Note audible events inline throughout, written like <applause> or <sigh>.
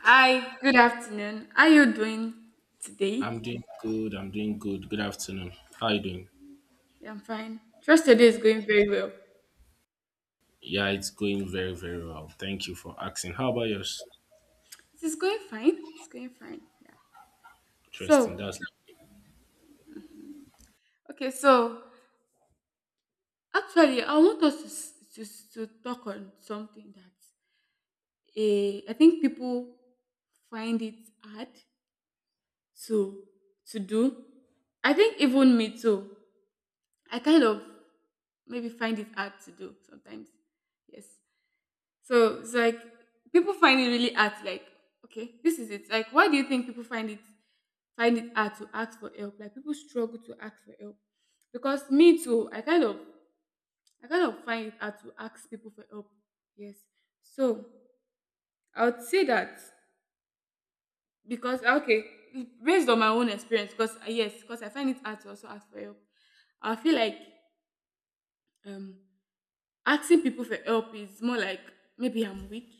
Hi, good afternoon. How are you doing today? I'm doing good. I'm doing good. Good afternoon. How you doing? Yeah, I'm fine. Trust your day is going very well. Yeah, it's going very, very well. Thank you for asking. How about yours? It is going fine. It's going fine. Yeah. Interesting. So, That's okay, so actually, I want us to, to talk on something that I think people find it hard to to do. I think even me too. I kind of maybe find it hard to do sometimes. Yes. So it's like people find it really hard. Like, okay, this is it. Like, why do you think people find it hard to ask for help? Like, people struggle to ask for help because me too. I kind of find it hard to ask people for help. Yes. So I would say that because okay, based on my own experience, because yes, because I find it hard to also ask for help. I feel like um asking people for help is more like maybe I'm weak.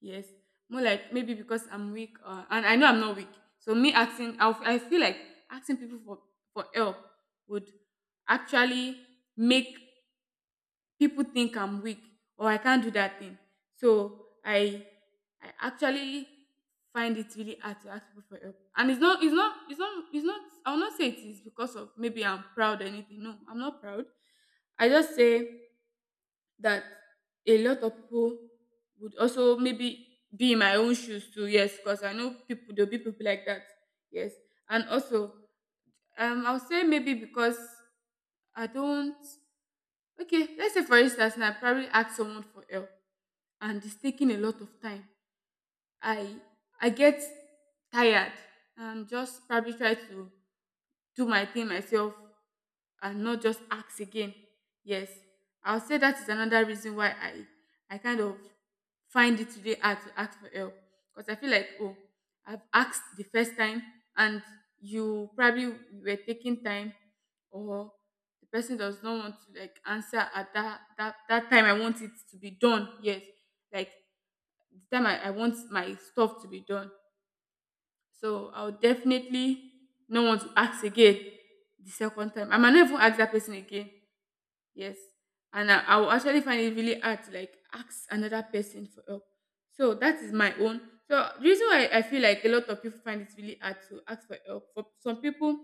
Yes, more like maybe because I'm weak, and I know I'm not weak. So me asking, I feel like asking people for help would actually make people think I'm weak or I can't do that thing. So I actually find it really hard to ask people for help, and it's not. I will not say it is because of maybe I'm proud or anything. No, I'm not proud. I just say that a lot of people would also maybe be in my own shoes too. Yes, because I know people there'll be people like that. Yes, and also I'll say maybe because I don't. Okay, let's say for instance, now I probably ask someone for help, and it's taking a lot of time. I I get tired and just probably try to do my thing myself and not just ask again. Yes, I'll say that is another reason why I kind of find it today hard to ask for help because I feel like, oh, I've asked the first time, and you probably were taking time or the person does not want to like answer at that time I want it to be done. Yes, like the time I want my stuff to be done. So I would definitely not want to ask again the second time. I might not even ask that person again. Yes. And I will actually find it really hard to like ask another person for help. So that is my own. So the reason why I feel like a lot of people find it really hard to ask for help. For some people,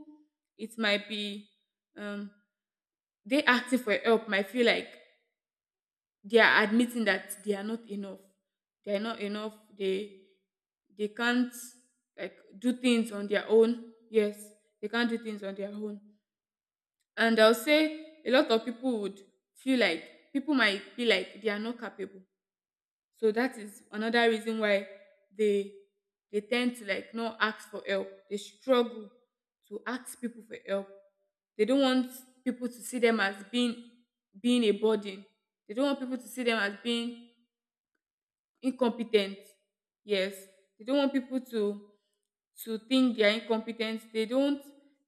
it might be um they asking for help might feel like they are admitting that they are not enough. They can't like do things on their own. Yes, they can't do things on their own. And I'll say a lot of people would feel like they are not capable. So that is another reason why they they tend to like not ask for help. They struggle to ask people for help. They don't want people to see them as being a burden. They don't want people to see them as being incompetent. Yes, they don't want people to think they are incompetent. They don't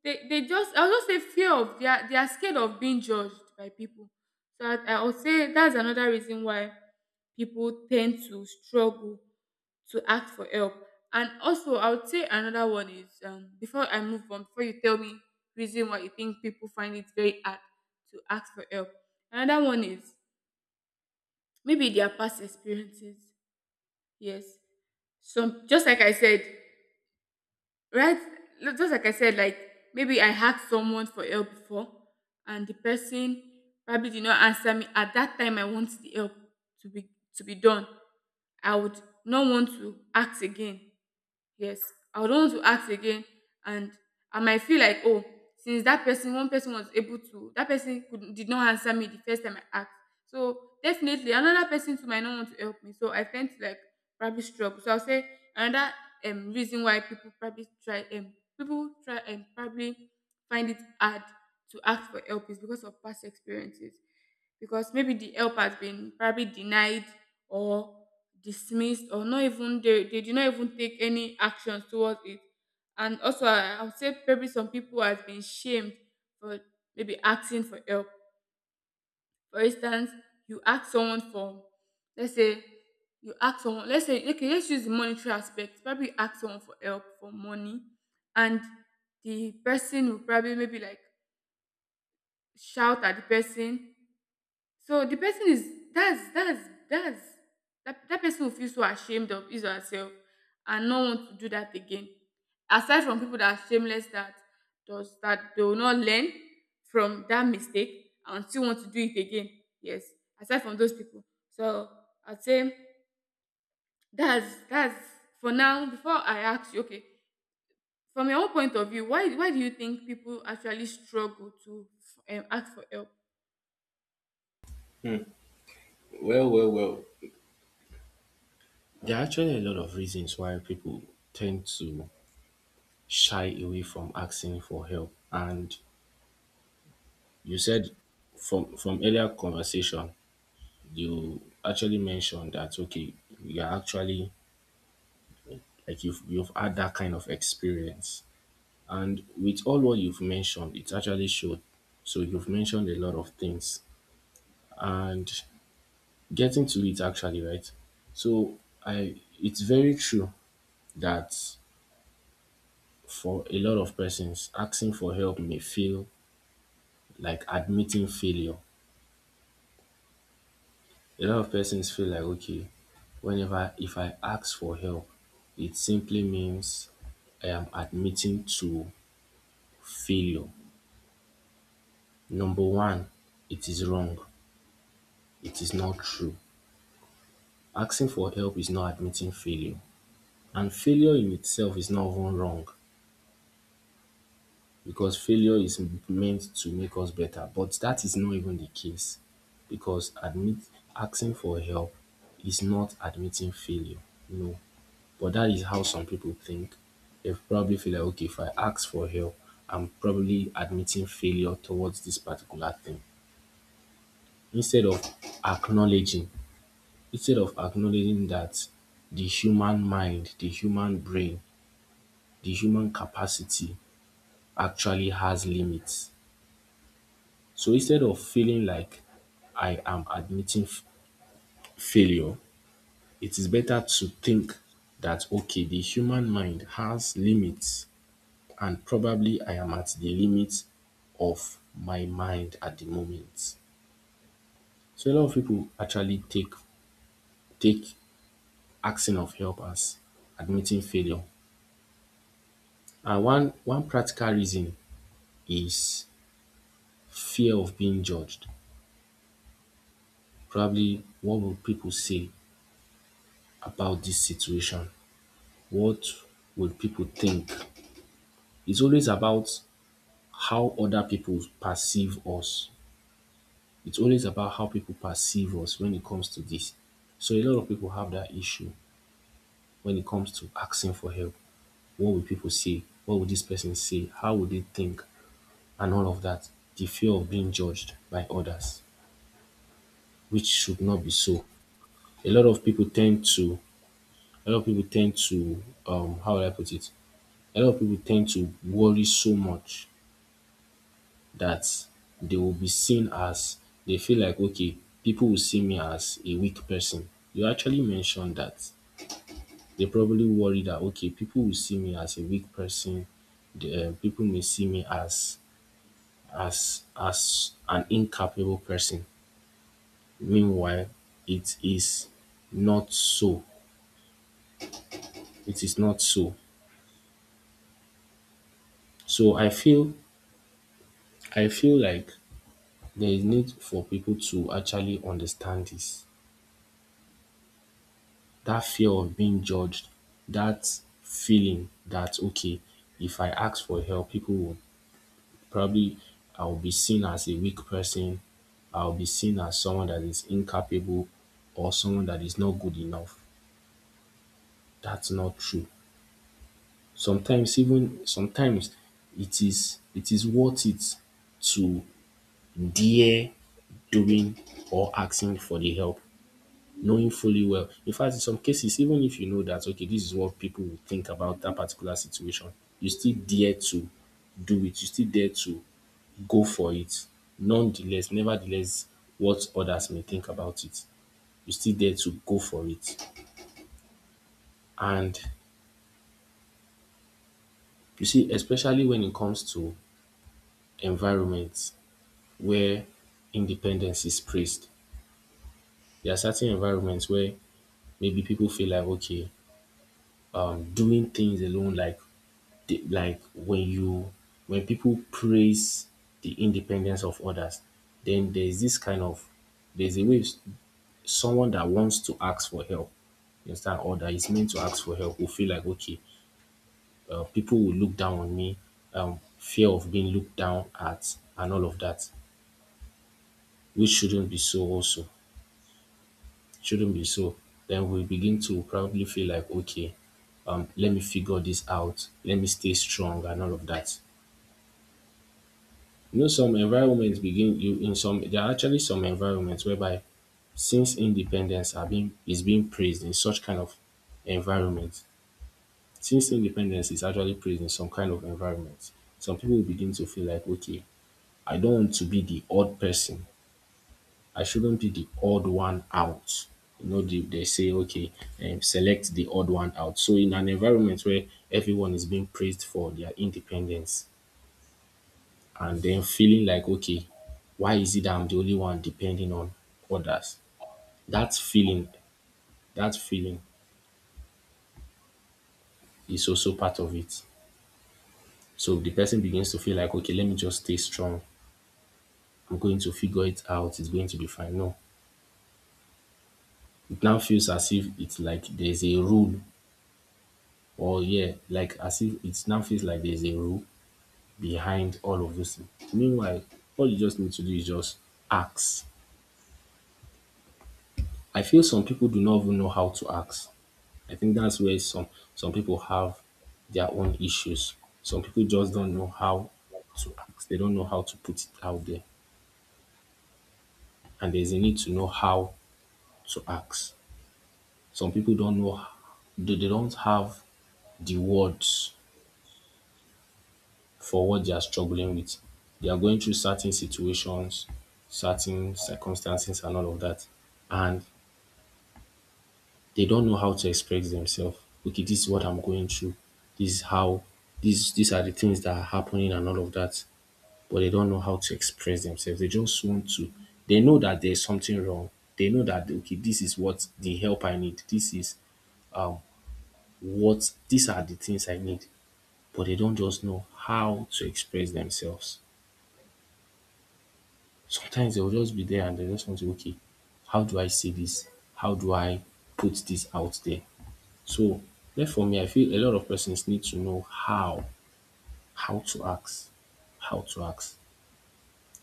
they just I'll just say fear of, they are scared of being judged by people. So I would say that's another reason why people tend to struggle to ask for help. And also, I would say another one is, before I move on, before you tell me reason why you think people find it very hard to ask for help, another one is maybe their past experiences. Yes, so just like I said, right? Just like I said, like maybe I asked someone for help before, and the person probably did not answer me. At that time, I want the help to be done. I would not want to ask again. Yes, I would want to ask again, and I might feel like, oh, since that person, one person was able to, that person could did not answer me the first time I asked. So definitely another person too might not want to help me. So I tend to like probably struggle. So I'll say another reason why people probably try and probably find it hard to ask for help is because of past experiences. Because maybe the help has been probably denied or dismissed, or not even, they did not even take any actions towards it. And also, I would say probably some people has been shamed for maybe asking for help. For instance, you ask someone for, let's say you ask someone, let's say, okay, let's use the monetary aspect, probably you ask someone for help for money, and the person will probably maybe like shout at the person. So the person is that person will feel so ashamed of his or herself and not want to do that again. Aside from people that are shameless, that does that, they will not learn from that mistake and still want to do it again. Yes. Aside from those people. So I'd say that's for now. Before I ask you, okay, from your own point of view, why do you think people actually struggle to, ask for help? Well, there are actually a lot of reasons why people tend to shy away from asking for help. And you said from earlier conversation, you actually mentioned that, okay, you're actually like you've had that kind of experience. And with all what you've mentioned, it actually showed. So you've mentioned a lot of things and getting to it actually, right? So I, it's very true that for a lot of persons, asking for help may feel like admitting failure. A lot of persons feel like, okay, whenever if I ask for help, it simply means I am admitting to failure. Number one, it is wrong, it is not true. Asking for help is not admitting failure, and failure in itself is not even wrong, because failure is meant to make us better. But that is not even the case because admit asking for help is not admitting failure. No. But that is how some people think. They probably feel like, okay, if I ask for help, I'm probably admitting failure towards this particular thing. Instead of acknowledging, instead of acknowledging that the human mind, the human brain, the human capacity actually has limits. So instead of feeling like I am admitting failure, it is better to think that, okay, the human mind has limits, and probably I am at the limit of my mind at the moment. So a lot of people actually take asking of help as admitting failure. And one practical reason is fear of being judged. Probably what will people say about this situation? What will people think? It's always about how other people perceive us. It's always about how people perceive us when it comes to this. So a lot of people have that issue when it comes to asking for help. What will people say? What will this person say? How will they think? And all of that. The fear of being judged by others, which should not be so. A lot of people tend to a lot of people tend to how will I put it? A lot of people tend to worry so much that they will be seen as they feel like, okay, people will see me as a weak person. You actually mentioned that they probably worry that, okay, people will see me as a weak person. The, people may see me as as an incapable person. Meanwhile, it is not so. It is not so. So I feel like there is need for people to actually understand this, that fear of being judged, that feeling that, okay, if I ask for help, people will probably I'll be seen as a weak person, I'll be seen as someone that is incapable, or someone that is not good enough. That's not true. Sometimes, even sometimes, it is worth it to dare doing or asking for the help. Knowing fully well. In fact, in some cases, even if you know that, okay, this is what people will think about that particular situation, you still dare to do it. You still dare to go for it. Nonetheless, nevertheless, what others may think about it, you still dare to go for it. And you see, especially when it comes to environments where independence is praised, there are certain environments where maybe people feel like, okay, I'm doing things alone, like the, like when you when people praise the independence of others, then there's this kind of there's a way someone that wants to ask for help, you understand, or that is meant to ask for help will feel like, okay, people will look down on me, fear of being looked down at, and all of that, which shouldn't be so. Also, shouldn't be so. Then we begin to probably feel like, okay, let me figure this out, let me stay strong, and all of that. You know, some environments begin you in some there are actually some environments whereby since independence are being is being praised in such kind of environment. Since independence is actually praised in some kind of environment, some people begin to feel like, okay, I don't want to be the odd person. I shouldn't be the odd one out. You know, they say, okay, select the odd one out. So in an environment where everyone is being praised for their independence, and then feeling like, okay, why is it that I'm the only one depending on others? That feeling, that feeling is also part of it. So the person begins to feel like, okay, let me just stay strong, I'm going to figure it out, it's going to be fine. No, it now feels as if it's like there's a rule, or yeah, like as if it now feels like there's a rule behind all of this. Meanwhile, all you just need to do is just ask. I feel some people do not even know how to ask. I think that's where some people have their own issues. Some people just don't know how to ask. They don't know how to put it out there. And there's a need to know how to ask. Some people don't know they don't have the words for what they are struggling with. They are going through certain situations, certain circumstances, and all of that. And they don't know how to express themselves. Okay, this is what I'm going through. This is how these are the things that are happening, and all of that. But they don't know how to express themselves. They just want to. They know that there's something wrong. They know that, okay, this is what the help I need. This is um what these are the things I need. But they don't just know how to express themselves. Sometimes they'll just be there and they just want to okay, how do I say this? How do I put this out there? So therefore me I feel a lot of persons need to know how to ask, how to ask.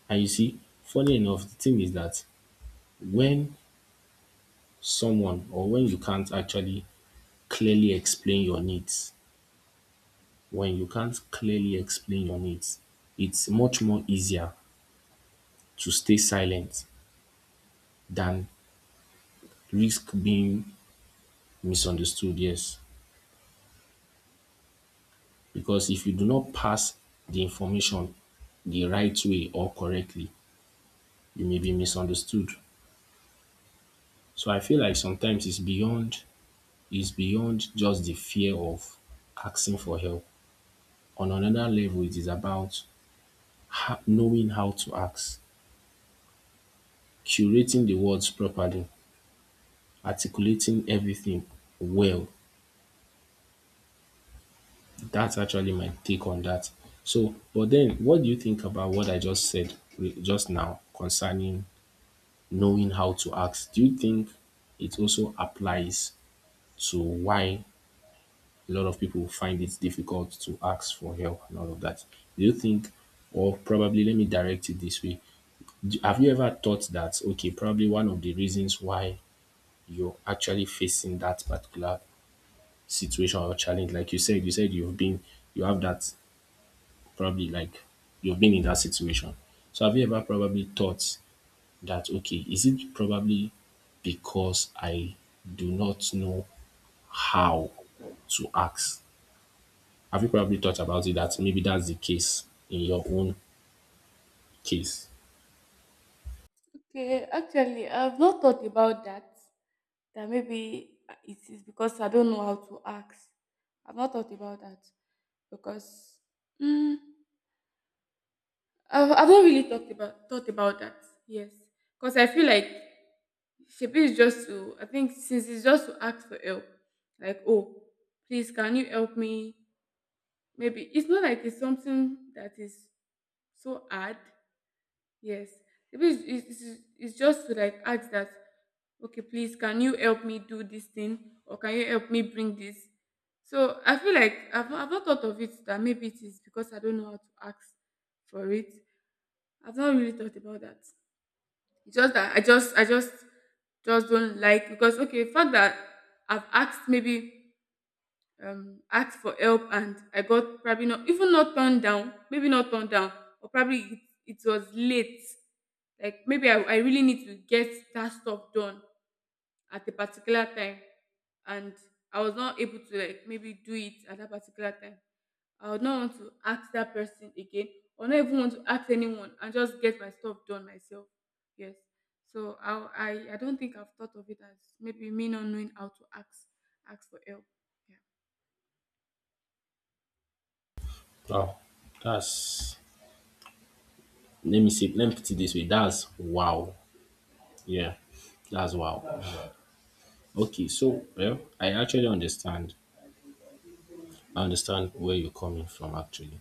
And you see, funny enough, the thing is that when someone, or when you can't actually clearly explain your needs, when you can't clearly explain your needs, it's much more easier to stay silent than risk being misunderstood, yes. Because if you do not pass the information the right way or correctly, you may be misunderstood. So I feel like sometimes it's beyond just the fear of asking for help. On another level, it is about knowing how to ask, curating the words properly, articulating everything well. That's actually my take on that. So, but then what do you think about what I just said just now concerning knowing how to ask? Do you think it also applies to why a lot of people find it difficult to ask for help, and all of that. Do you think, or probably let me direct it this way? Have you ever thought that, okay, probably one of the reasons why you're actually facing that particular situation or challenge, like you said you've been, you have that probably like you've been in that situation. So have you ever probably thought that, okay, is it probably because I do not know how to ask? Have you probably thought about it, that maybe that's the case in your own case? Okay, actually, I've not thought about that. That maybe, it is because I don't know how to ask. I've not thought about that because, mm, I've not really talked about thought about that. Yes, because I feel like Shebi is just to, I think since it's just to ask for help, like, oh, please can you help me? Maybe it's not like it's something that is so hard. Yes. Maybe it's just to like ask that, okay, please, can you help me do this thing? Or can you help me bring this? So I feel like I've not thought of it that maybe it is because I don't know how to ask for it. I've not really thought about that. It's just that just don't like, because, okay, the fact that I've asked maybe, asked for help, and I got probably not even not turned down, maybe not turned down, or probably it was late. Like maybe I really need to get that stuff done at a particular time, and I was not able to like maybe do it at that particular time. I would not want to ask that person again or not even want to ask anyone and just get my stuff done myself. Yes. So I don't think I've thought of it as maybe me not knowing how to ask for help. Yeah. Wow, that's let me see, let me put it this way. That's wow. Yeah, that's wow. Okay, so well, I actually understand. I understand where you're coming from actually.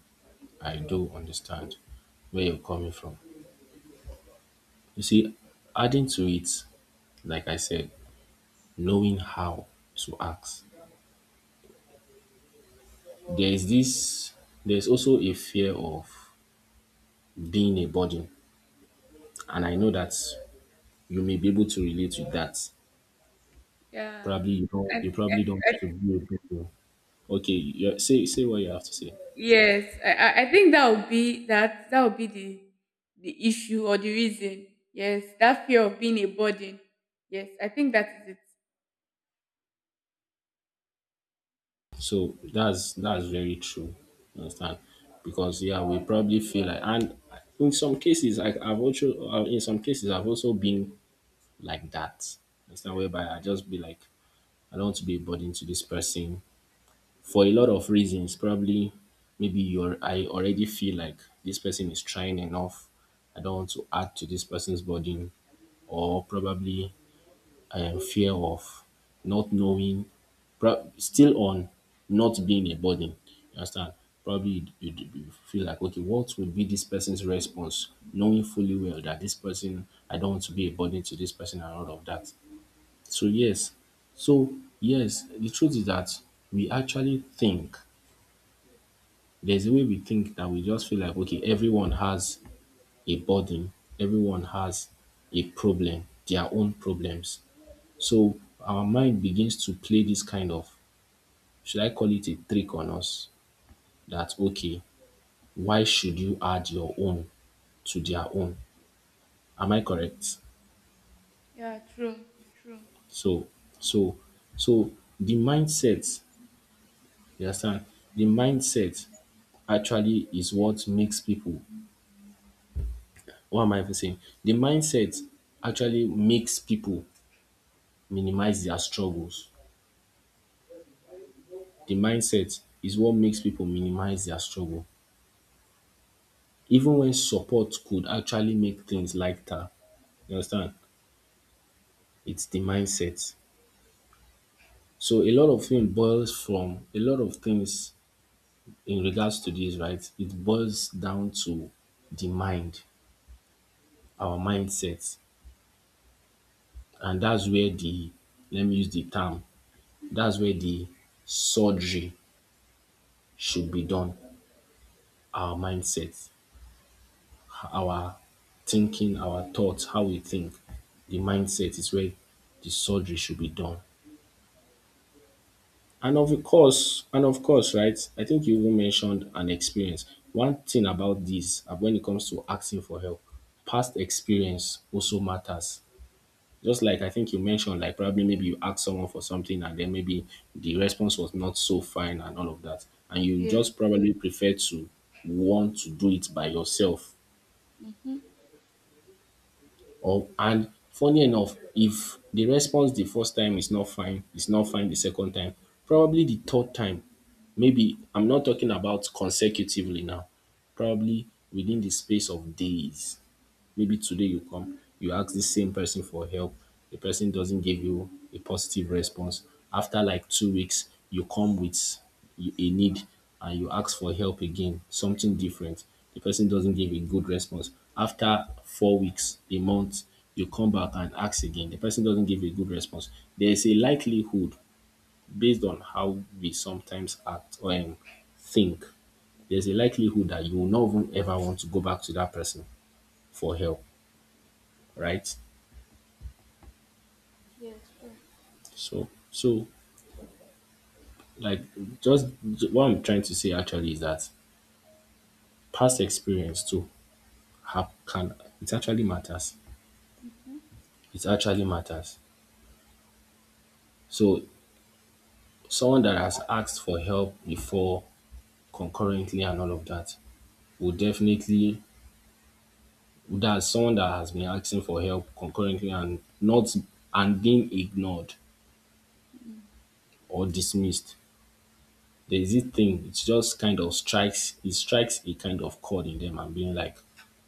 I do understand where you're coming from. You see, adding to it, like I said, knowing how to ask. There is this there's also a fear of being a burden. And I know that you may be able to relate with that. Yeah. Probably you I, don't you probably don't I, want to be with people. Okay, you say say what you have to say. yes, I think that would be that would be the issue or the reason. Yes, that fear of being a burden. Yes, I think that is it. So that's very true. You understand? Because yeah, we probably feel like and in some cases like I've also in some cases I've also been like that. You understand whereby I just be like I don't want to be a burden to this person. For a lot of reasons. Probably, maybe you're I already feel like this person is trying enough. I don't want to add to this person's burden, or probably I am fear of not knowing, still on not being a burden. You understand? Probably you you feel like, okay, what would be this person's response, knowing fully well that this person, I don't want to be a burden to this person, and all of that. So, yes, so, yes, the truth is that we actually think there's a way we think that we just feel like, okay, everyone has a burden, everyone has a problem, their own problems. So our mind begins to play this kind of, should I call it, a trick on us that, okay, why should you add your own to their own? Am I correct? Yeah, true, true. So so so the mindset, you understand? The mindset actually is what makes people, what am I even saying? The mindset actually makes people minimize their struggles. The mindset is what makes people minimize their struggle. Even when support could actually make things lighter, you understand? It's the mindset. So a lot of things boils from a lot of things in regards to this, right? It boils down to the mind, our mindset. And that's where the, let me use the term, that's where the surgery should be done. Our mindset. Our thinking, our thoughts, how we think, the mindset is where the surgery should be done. And of course, right? I think you even mentioned an experience. One thing about this, when it comes to asking for help, past experience also matters. Just like I think you mentioned, like probably maybe you ask someone for something and then maybe the response was not so fine and all of that. And you Yeah. just probably prefer to want to do it by yourself. Mm-hmm. Or and funny enough, if the response the first time is not fine, it's not fine the second time, probably the third time, maybe I'm not talking about consecutively now, probably within the space of days. Maybe today you come, you ask the same person for help, the person doesn't give you a positive response. After like 2 weeks, you come with a need and you ask for help again, something different. The person doesn't give a good response. After 4 weeks, a month, you come back and ask again. The person doesn't give a good response. There is a likelihood based on how we sometimes act or think. There's a likelihood that you will not even ever want to go back to that person for help, right? Yes, true. So, like, just what I'm trying to say actually is that past experience too have can, it actually matters. Mm-hmm. It actually matters. So someone that has asked for help before concurrently and all of that will definitely, that someone that has been asking for help concurrently and not and being ignored mm or dismissed, there's this thing, it just kind of strikes, it strikes a kind of chord in them and being like,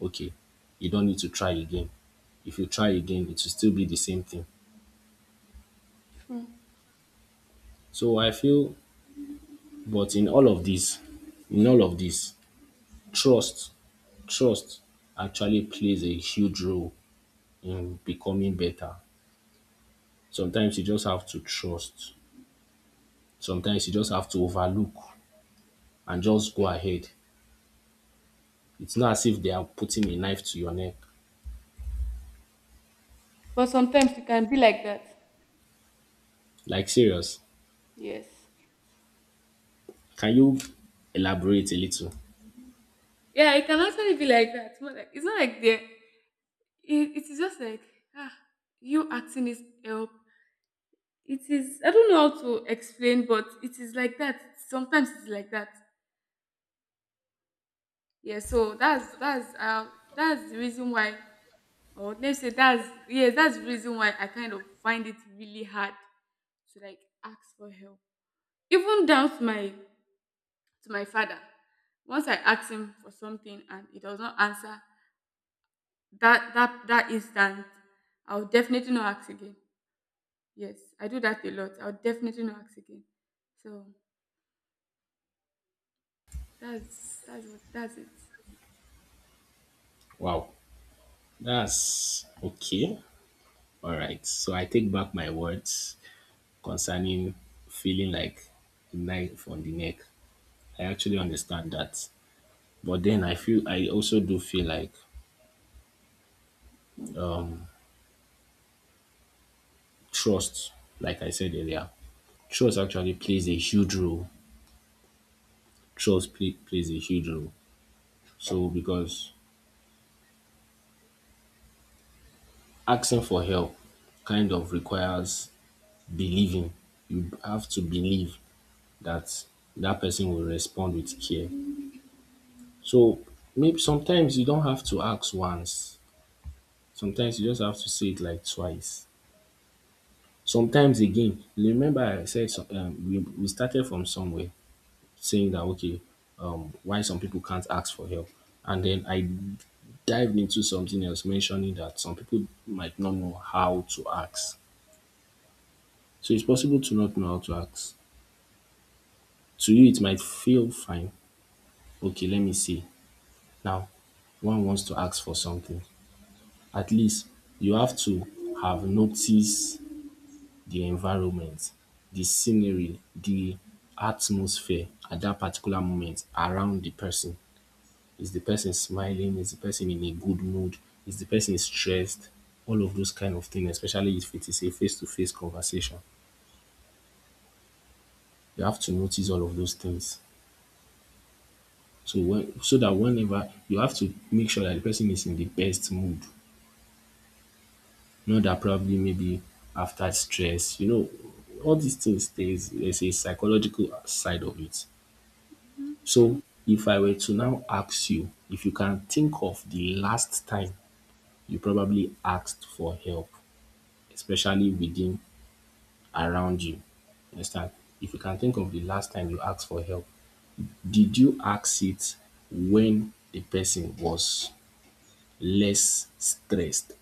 okay, you don't need to try again. If you try again, it will still be the same thing. True. So I feel, but in all of this, trust, trust actually plays a huge role in becoming better. Sometimes you just have to trust. Sometimes you just have to overlook and just go ahead. It's not as if they are putting a knife to your neck. But sometimes it can be like that. Like, serious, Yes. can you elaborate a little? Yeah, it can actually be like that. It's not like the. It is just like, ah, you asking is help, it is, I don't know how to explain, but it is like that. Sometimes it's like that. Yeah, so that's that's the reason why, or let's say that's, yes, that's the reason why I kind of find it really hard to like ask for help. Even down to my father, once I ask him for something and he does not answer that instant, I'll definitely not ask again. Yes, I do that a lot. I'll definitely not ask again. So that's it. Wow, that's okay. All right. So I take back my words concerning feeling like a knife on the neck. I actually understand that. But then I feel, I also do feel like trust, like I said earlier, trust actually plays a huge role. Plays a huge role. So because asking for help kind of requires believing, you have to believe that that person will respond with care. So maybe sometimes you don't have to ask once. Sometimes you just have to say it like twice. Sometimes again, remember I said some, we started from somewhere saying that, okay, why some people can't ask for help, and then I dived into something else mentioning that some people might not know how to ask. So it's possible to not know how to ask. To you, it might feel fine. Okay, let me see, now one wants to ask for something, at least you have to have noticed the environment, the scenery, the atmosphere at that particular moment around the person. Is the person smiling? Is the person in a good mood? Is the person stressed? All of those kind of things, especially if it is a face-to-face conversation, you have to notice all of those things. So when, so that whenever you have to make sure that the person is in the best mood. You know that probably maybe after stress, you know, all these things, there's a psychological side of it. Mm-hmm. So if I were to now ask you if you can think of the last time you probably asked for help, especially within around you. You understand? If you can think of the last time you asked for help, did you ask it when the person was less stressed?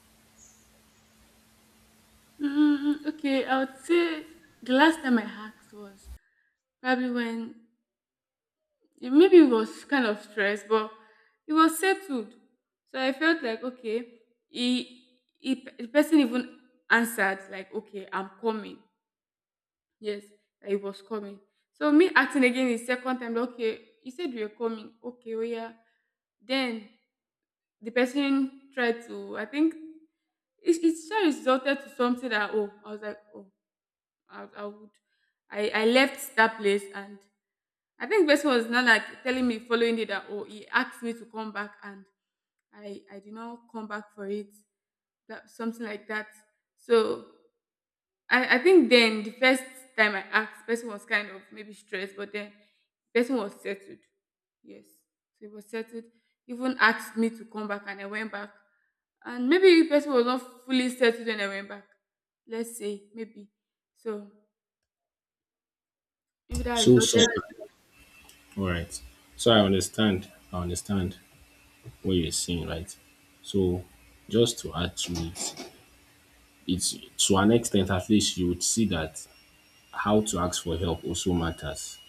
Mm, okay, I would say the last time I hacked was probably when, maybe it was kind of stress, but it was settled. So I felt like, okay, he the person even answered like, okay, I'm coming. Yes, that he was coming. So me acting again the second time, like, okay, he said you're coming. Okay, oh yeah. Then the person tried to, it sure resulted to something that, oh, I was like, oh. I, I would I left that place and I think the person was not like telling me following it that, oh, he asked me to come back and I did not come back for it, that something like that. So I think then the first time I asked, person was kind of maybe stressed, but then person was settled. Yes, so it was settled, even asked me to come back, and I went back, and maybe the person was not fully settled when I went back, let's say maybe. So maybe that So resulted. sometimes, all right. So I understand. I understand what you're saying, right? So just to add to it, it's to an extent, at least you would see that how to ask for help also matters,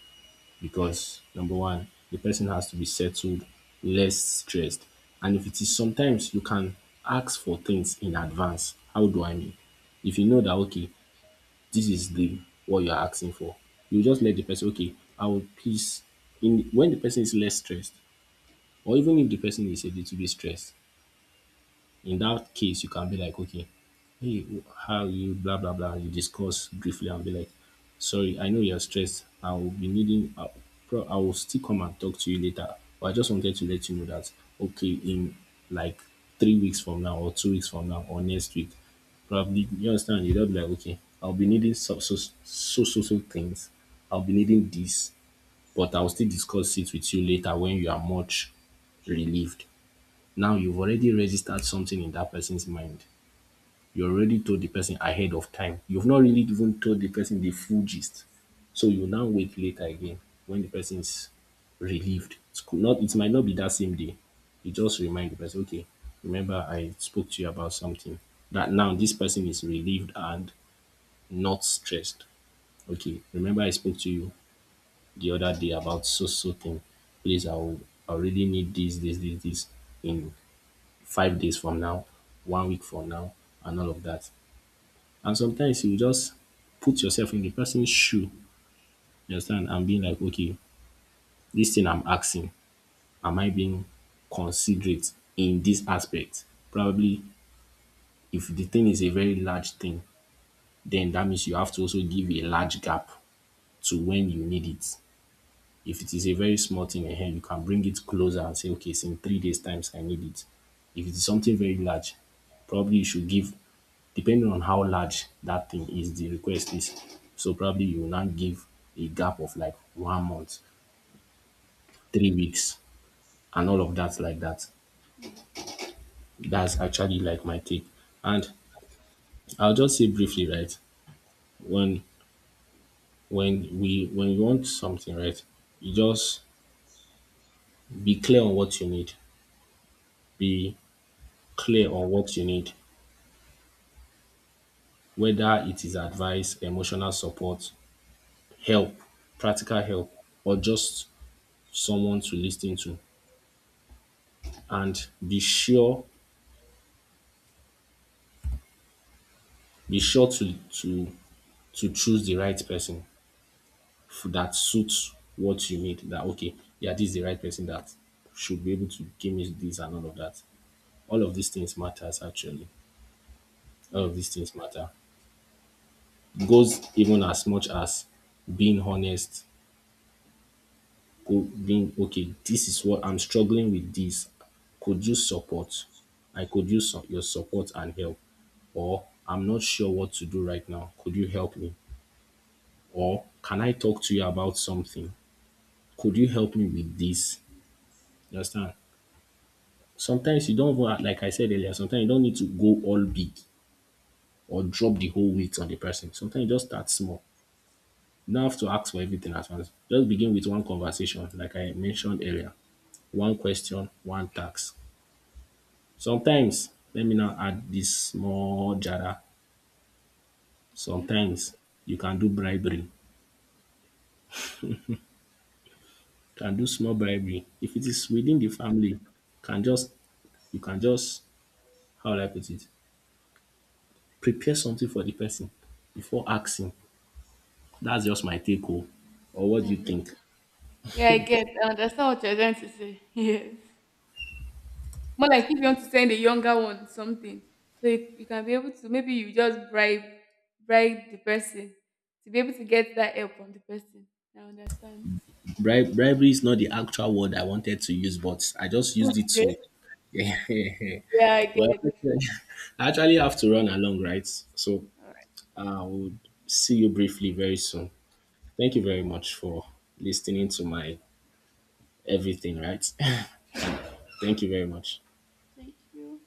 because number one, the person has to be settled, less stressed. And if it is, sometimes you can ask for things in advance. How do I mean? If you know that, okay, this is the what you're asking for, you just let the person, okay, I will please in when the person is less stressed, or even if the person is a little bit stressed, in that case, you can be like, okay, hey, how you, blah, blah, blah. You discuss briefly and be like, sorry, I know you're stressed. I will be needing, I I will still come and talk to you later. But I just wanted to let you know that, okay, in like 3 weeks from now, or 2 weeks from now, or next week, probably, you understand? You don't be like, okay, I'll be needing so, so, so, so, so things. I'll be needing this, but I'll still discuss it with you later when you are much relieved. Now you've already registered something in that person's mind. You already told the person ahead of time. You've not really even told the person the full gist. So you now wait later again when the person is relieved. It's could not, it might not be that same day. You just remind the person, okay, remember I spoke to you about something. That now this person is relieved and not stressed. Okay, remember I spoke to you the other day about so so thing. Please, I'll, I really need this, this, this, this in 5 days from now, one week from now, and all of that. And sometimes you just put yourself in the person's shoe, you understand, and being like, okay, this thing I'm asking, am I being considerate in this aspect? Probably if the thing is a very large thing, then that means you have to also give a large gap to when you need it. If it is a very small thing ahead, you can bring it closer and say, okay, it's in 3 days times I need it. If it is something very large, probably you should give, depending on how large that thing is, the request is, so probably you will not give a gap of like one month, 3 weeks, and all of that like that. Yeah. That's actually like my take. And I'll just say briefly, right, when when we when you want something, right, you just be clear on what you need. Be clear on what you need. Whether it is advice, emotional support, help, practical help, or just someone to listen to, and be sure, be sure to choose the right person, that suits what you need, that, okay, yeah, this is the right person that should be able to give me this and all of that. All of these things matters actually. All Yeah, of these things matter. Goes even as much as being honest. Could bring, okay, this is what I'm struggling with, this could use support, I could use some, your support and help, or I'm not sure what to do right now, could you help me, or can I talk to you about something, could you help me with this? You understand? Sometimes you don't want, like I said earlier, sometimes you don't need to go all big or drop the whole weight on the person. Sometimes you just start small. You don't have to ask for everything at once. Just begin with one conversation, like I mentioned earlier, one question, one task. Sometimes, let me now add this small jara. okay. Sometimes you can do bribery. You can do small bribery. If it is within the family, can just, you can just, how will I put it? Prepare something for the person before asking. That's just my take home. Or what do you Mhm. think? Yeah, I get. I understand what you're trying to say. <laughs> Yes. More like if you want to send a younger one something, so you can be able to maybe you just bribe the person to be able to get that help from the person. I understand. Bribery is not the actual word I wanted to use, but I just used it to. Okay. <laughs> Yeah, I Well, get. actually, <laughs> I actually have to run along, right? So All right. I would see you briefly very soon. Thank All you very right. much for listening to my everything, right? <laughs> Thank you very much. Thank you.